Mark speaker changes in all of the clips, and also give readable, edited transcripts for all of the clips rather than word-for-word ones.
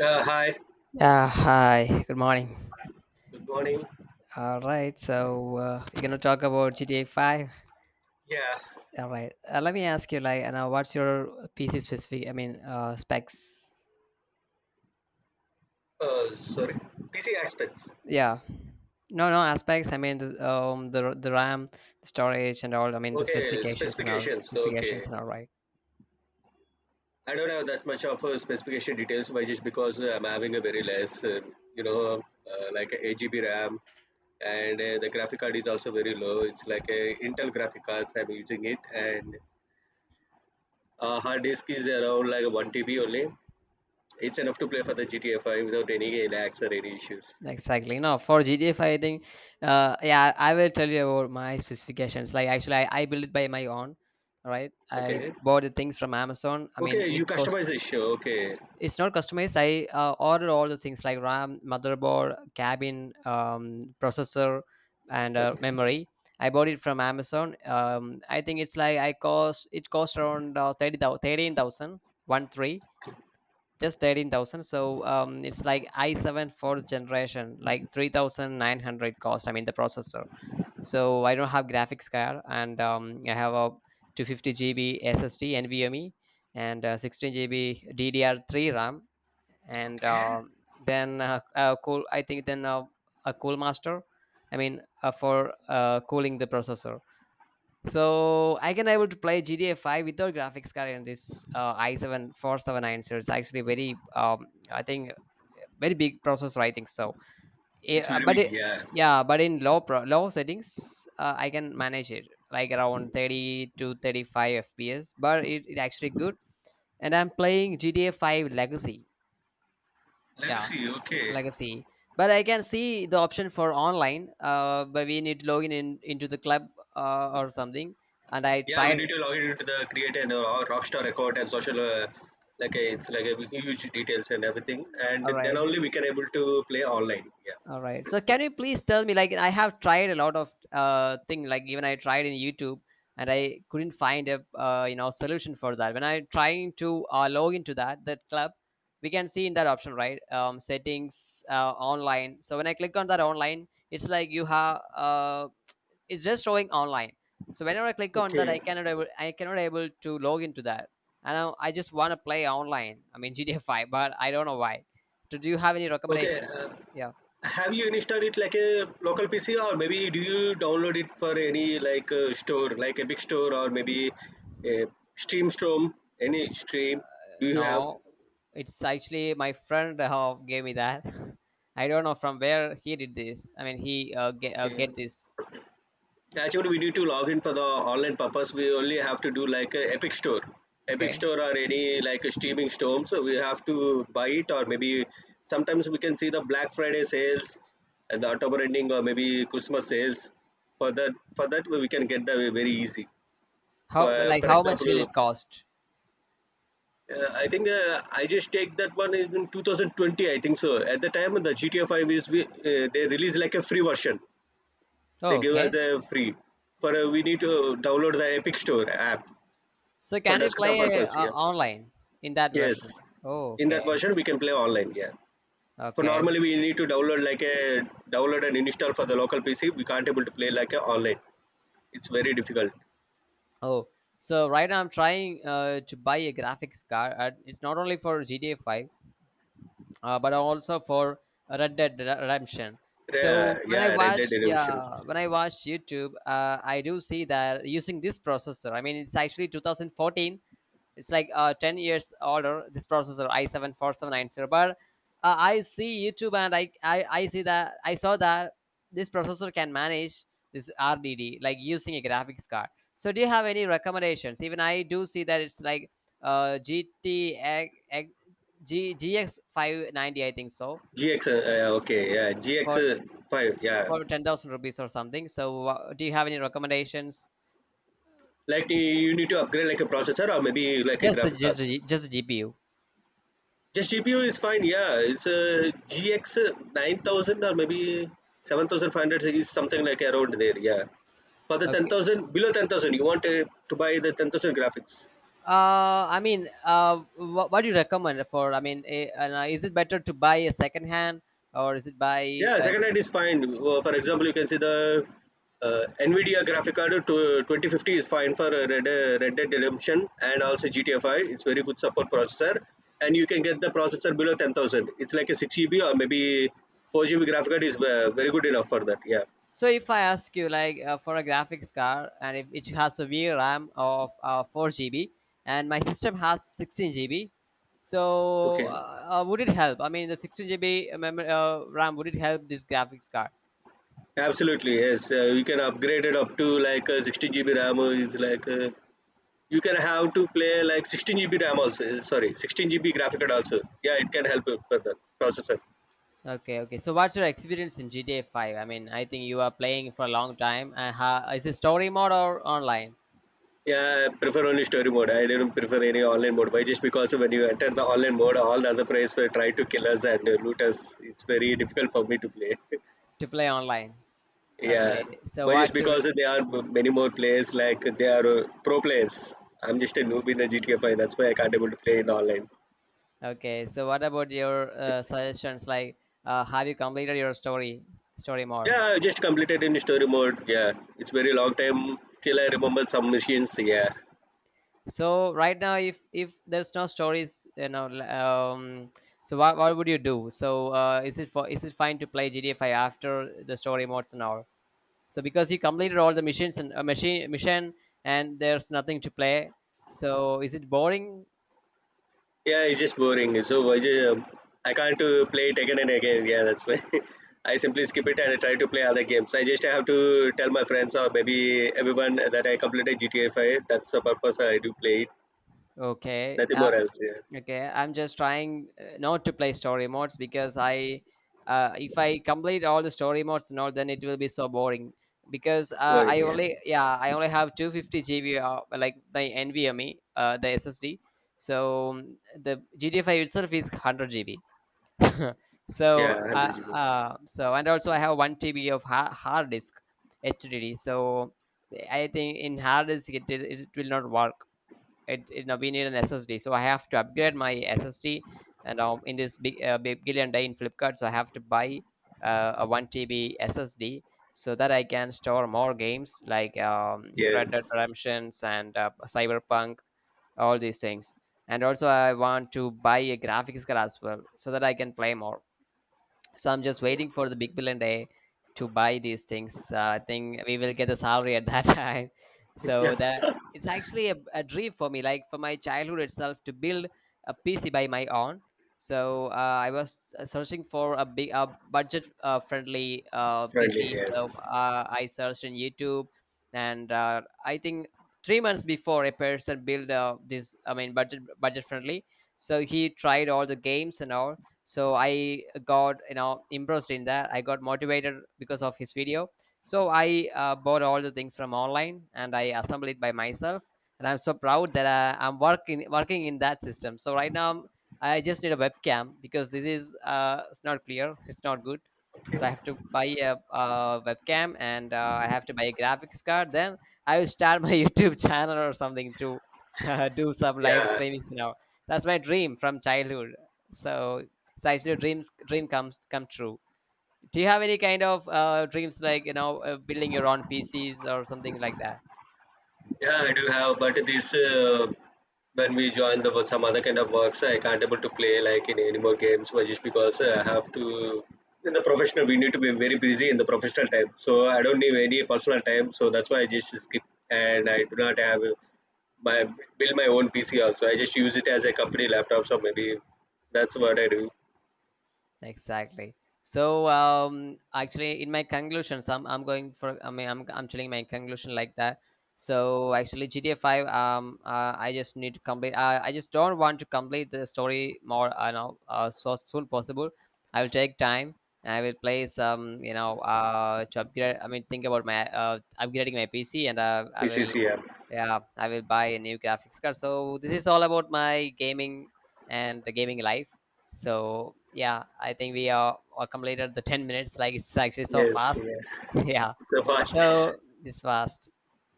Speaker 1: Hi,
Speaker 2: Yeah, hi. Good morning.
Speaker 1: good morning.
Speaker 2: All right, so we're gonna talk about GTA Five.
Speaker 1: Yeah,
Speaker 2: All right, let me ask you, like, what's your PC specific? I mean, specs.
Speaker 1: sorry. PC aspects.
Speaker 2: Yeah, no, no aspects. I mean, the RAM, the storage, and all. I mean, the
Speaker 1: Okay,
Speaker 2: specifications and all
Speaker 1: specifications.
Speaker 2: specifications
Speaker 1: Okay.
Speaker 2: and all. Right,
Speaker 1: I don't have that much of specification details, but just because I'm having a very less, like a 8 GB RAM, and the graphic card is also very low. It's like a Intel graphic cards I'm using it, and hard disk is around like 1 TB only. It's enough to play for the GTA 5 without any lags or any issues.
Speaker 2: exactly. No, for GTA Five, I think. Yeah, I will tell you about my specifications. Like, actually, I built it by my own. All right, I
Speaker 1: Okay.
Speaker 2: bought the things from Amazon. I mean,
Speaker 1: Okay,
Speaker 2: it
Speaker 1: you
Speaker 2: cost.
Speaker 1: customize the issue. Okay.
Speaker 2: It's not customized. I ordered all the things like RAM, motherboard, cabin, processor, and
Speaker 1: Okay.
Speaker 2: memory. I bought it from Amazon. I think it's like I cost it cost around 30, 13,000, 13, just 13,000. So it's like I seven fourth generation, like 3,900 cost. I mean, the processor. So I don't have graphics card, and I have a 250 GB SSD NVMe, and 16 GB DDR3 RAM, and
Speaker 1: Okay.
Speaker 2: then cool, I think, then a cool master, I mean, for cooling the processor. So I can able to play GTA 5 without graphics card in this i7 479. So it's actually very, I think very big processor, I think so.
Speaker 1: It's
Speaker 2: Yeah,
Speaker 1: very
Speaker 2: but
Speaker 1: big, yeah.
Speaker 2: yeah, but in low settings, I can manage it like around 30 to 35 fps, but it actually good. And I'm playing GTA 5 Legacy.
Speaker 1: Let me
Speaker 2: Yeah.
Speaker 1: see. Okay,
Speaker 2: Legacy. But I can see the option for online, but we need to log in into the club, or something. And I
Speaker 1: yeah, we
Speaker 2: tried.
Speaker 1: need to log in into the creator and our Rockstar account and social. Like it's like a huge details and everything, and
Speaker 2: All
Speaker 1: then
Speaker 2: right.
Speaker 1: only we can able to play online. Yeah.
Speaker 2: All right, so can you please tell me, like, I have tried a lot of thing, like, even I tried in YouTube, and I couldn't find a solution for that when I trying to log into that club. We can see in that option, right? Settings, online. So when I click on that online, it's like you have, it's just showing online. So whenever I click on that, I
Speaker 1: Okay.
Speaker 2: cannot able I cannot able to log into that. And I just want to play online, I mean GTA 5, but I don't know why. Do you have any
Speaker 1: Okay.
Speaker 2: recommendations? Yeah,
Speaker 1: Have you installed it like a local PC, or maybe do you download it for any like store, like a big store, or maybe a stream Storm, any stream? Do you have?
Speaker 2: no, it's actually my friend who gave me that. I don't know from where he did this. I mean, he get uh,
Speaker 1: Okay.
Speaker 2: get this.
Speaker 1: Yeah, actually, we need to log in for the online purpose. We only have to do like a Epic Store, Epic
Speaker 2: Okay,
Speaker 1: Store or any like a streaming store. So we have to buy it, or maybe sometimes we can see the Black Friday sales and the October ending, or maybe Christmas sales. For that we can get the very easy. For for
Speaker 2: how much will
Speaker 1: example,
Speaker 2: it cost?
Speaker 1: I think I just take that one is in 2020. I think so. At the time, the GTA 5 is we they released like a free version. They
Speaker 2: Oh,
Speaker 1: give us
Speaker 2: okay.
Speaker 1: a free. For we need to download the Epic Store app
Speaker 2: So
Speaker 1: for
Speaker 2: can we
Speaker 1: desktop
Speaker 2: play
Speaker 1: purpose. Yeah.
Speaker 2: online in that version?
Speaker 1: Yes.
Speaker 2: Oh,
Speaker 1: In that
Speaker 2: okay,
Speaker 1: version, we can play online. Yeah. For
Speaker 2: okay.
Speaker 1: normally, we need to download like a download and install for the local PC. We can't able to play like a online. It's very difficult.
Speaker 2: Oh, so right now I'm trying to buy a graphics card. And it's not only for GTA 5, but also for Red Dead Redemption.
Speaker 1: Yeah.
Speaker 2: So
Speaker 1: Yeah. Red Dead
Speaker 2: yeah,
Speaker 1: Redemptions.
Speaker 2: when I watch YouTube, I do see that using this processor. I mean, it's actually 2014, it's like 10 years older, this processor i7 4790. But I see YouTube, and I saw that this processor can manage this RDD, like, using a graphics card. So, do you have any recommendations? Even I do see that it's like GT, G, GX 590, I think so,
Speaker 1: GX. Okay. Yeah. GX
Speaker 2: for
Speaker 1: five. Yeah.
Speaker 2: for 10,000 rupees or something. So, do you have any recommendations?
Speaker 1: Like you
Speaker 2: It's
Speaker 1: you need to upgrade like a processor or maybe like a
Speaker 2: just the,
Speaker 1: graphic
Speaker 2: just the,
Speaker 1: cards.
Speaker 2: just the GPU.
Speaker 1: The GPU is fine. Yeah, it's a GX 9,000 or maybe 7,500 is something like around there. Yeah, for the ten
Speaker 2: Okay.
Speaker 1: thousand below 10,000, you want to buy the 10,000 graphics.
Speaker 2: I mean, what do you recommend for? I mean, and, is it better to buy a second hand, or is it buy?
Speaker 1: Yeah, second hand is fine. For example, you can see the Nvidia graphic card to 2050 is fine for Red Dead Redemption and also GTA Five. It's very good support processor, and you can get the processor below 10,000. It's like a six GB or maybe four GB graphic card is very good enough for that. Yeah.
Speaker 2: So if I ask you, like, for a graphics card, and if it has a VRAM of four GB, and my system has 16 GB, so
Speaker 1: Okay.
Speaker 2: would it help? I mean, the 16 GB memory, RAM, would it help this graphics card?
Speaker 1: Absolutely, yes. You can upgrade it up to like 16 GB RAM is like you can have to play like 16 GB RAM also. Sorry, 16 GB graphic card also. Yeah, it can help you for the processor.
Speaker 2: Okay, okay. So what's your experience in GTA Five? I mean, I think you are playing for a long time. How is it, story mode or online,
Speaker 1: Yeah, I prefer only story mode. I didn't prefer any online mode. Why? Just because when you enter the online mode, all the other players will try to kill us and loot us. It's very difficult for me to play.
Speaker 2: to play online?
Speaker 1: Yeah,
Speaker 2: Okay, so
Speaker 1: but just
Speaker 2: what's your
Speaker 1: because there are many more players, like they are pro players. I'm just a noob in a GTA 5. That's why I can't able to play in online.
Speaker 2: okay? So what about your suggestions? Like, have you completed your story more?
Speaker 1: Yeah, I just completed in story mode. Yeah, it's very long time. Still, I remember some missions. Yeah,
Speaker 2: So right now, if there's no stories, so what would you do? So is it fine to play GTA 5 after the story modes and all? So because you completed all the missions and machine mission, and there's nothing to play, so is it boring?
Speaker 1: yeah, it's just boring. So I can't play it again and again. Yeah, that's why I simply skip it and I try to play other games. I just have to tell my friends or maybe everyone that I completed GTA 5. That's the purpose I do play it.
Speaker 2: Okay.
Speaker 1: Nothing more else. Yeah,
Speaker 2: Okay. I'm just trying not to play story modes, because if I complete all the story modes and all, then it will be so boring. Because
Speaker 1: boring. Yeah,
Speaker 2: yeah, I only have 250 GB, like my NVMe, the SSD. So the GTA 5 itself is 100 GB. so,
Speaker 1: yeah, one
Speaker 2: uh,
Speaker 1: hundred GB.
Speaker 2: uh, so and also I have one TB of hard disk HDD. So I think in hard disk it will not work, it now we need an SSD. So I have to upgrade my SSD. And now in this big billion day in Flipkart, so I have to buy a one TB SSD, so that I can store more games, like, Red Dead
Speaker 1: Yes.
Speaker 2: Redemption's and Cyberpunk, all these things. And also, I want to buy a graphics card as well, so that I can play more. So I'm just waiting for the big billion day to buy these things. I think we will get the salary at that time, so
Speaker 1: Yeah,
Speaker 2: that. It's actually a dream for me, like, for my childhood itself to build a PC by my own. So I was searching for a big a budget friendly
Speaker 1: friendly.
Speaker 2: PC. So
Speaker 1: Yes.
Speaker 2: I searched in YouTube. And I think 3 months before, a person built this, I mean budget friendly. So he tried all the games and all, so I got, impressed in that. I got motivated because of his video. So I bought all the things from online, and I assembled it by myself. And I'm so proud that I'm working in that system. So right now, I just need a webcam, because this is it's not clear, it's not good. So I have to buy a, webcam, and I have to buy a graphics card. Then I will start my YouTube channel or something to do some live
Speaker 1: Yeah,
Speaker 2: streaming now. That's my dream from childhood. So such your dream come true. Do you have any kind of dreams, like, building your own pcs or something like that.
Speaker 1: yeah, I do have, but this, when we join the some other kind of works, I can't able to play like in any more games. But just because I have to, in the professional, we need to be very busy in the professional time, so I don't need any personal time. So that's why I just skip, and I do not have my build my own pc also. I just use it as a company laptop, so maybe that's what I do.
Speaker 2: Exactly. So actually, in my conclusions, I'm going for. I mean, I'm telling my conclusion like that. So actually, GTA Five. I just need to complete. I just don't want to complete the story more, I know. So soon possible. I will take time. And I will play some. To upgrade. I mean, think about my upgrading my PC, and I will.
Speaker 1: Pcc app.
Speaker 2: Yeah, I will buy a new graphics card. So this is all about my gaming and the gaming life. So yeah, I think we are completed the 10 minutes. Like, it's actually so
Speaker 1: Yes,
Speaker 2: fast.
Speaker 1: yeah.
Speaker 2: yeah.
Speaker 1: So fast.
Speaker 2: So it's fast.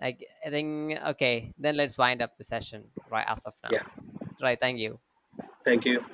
Speaker 2: Like, I think, okay, then let's wind up the session right as of now.
Speaker 1: Yeah,
Speaker 2: Right. Thank you.
Speaker 1: thank you.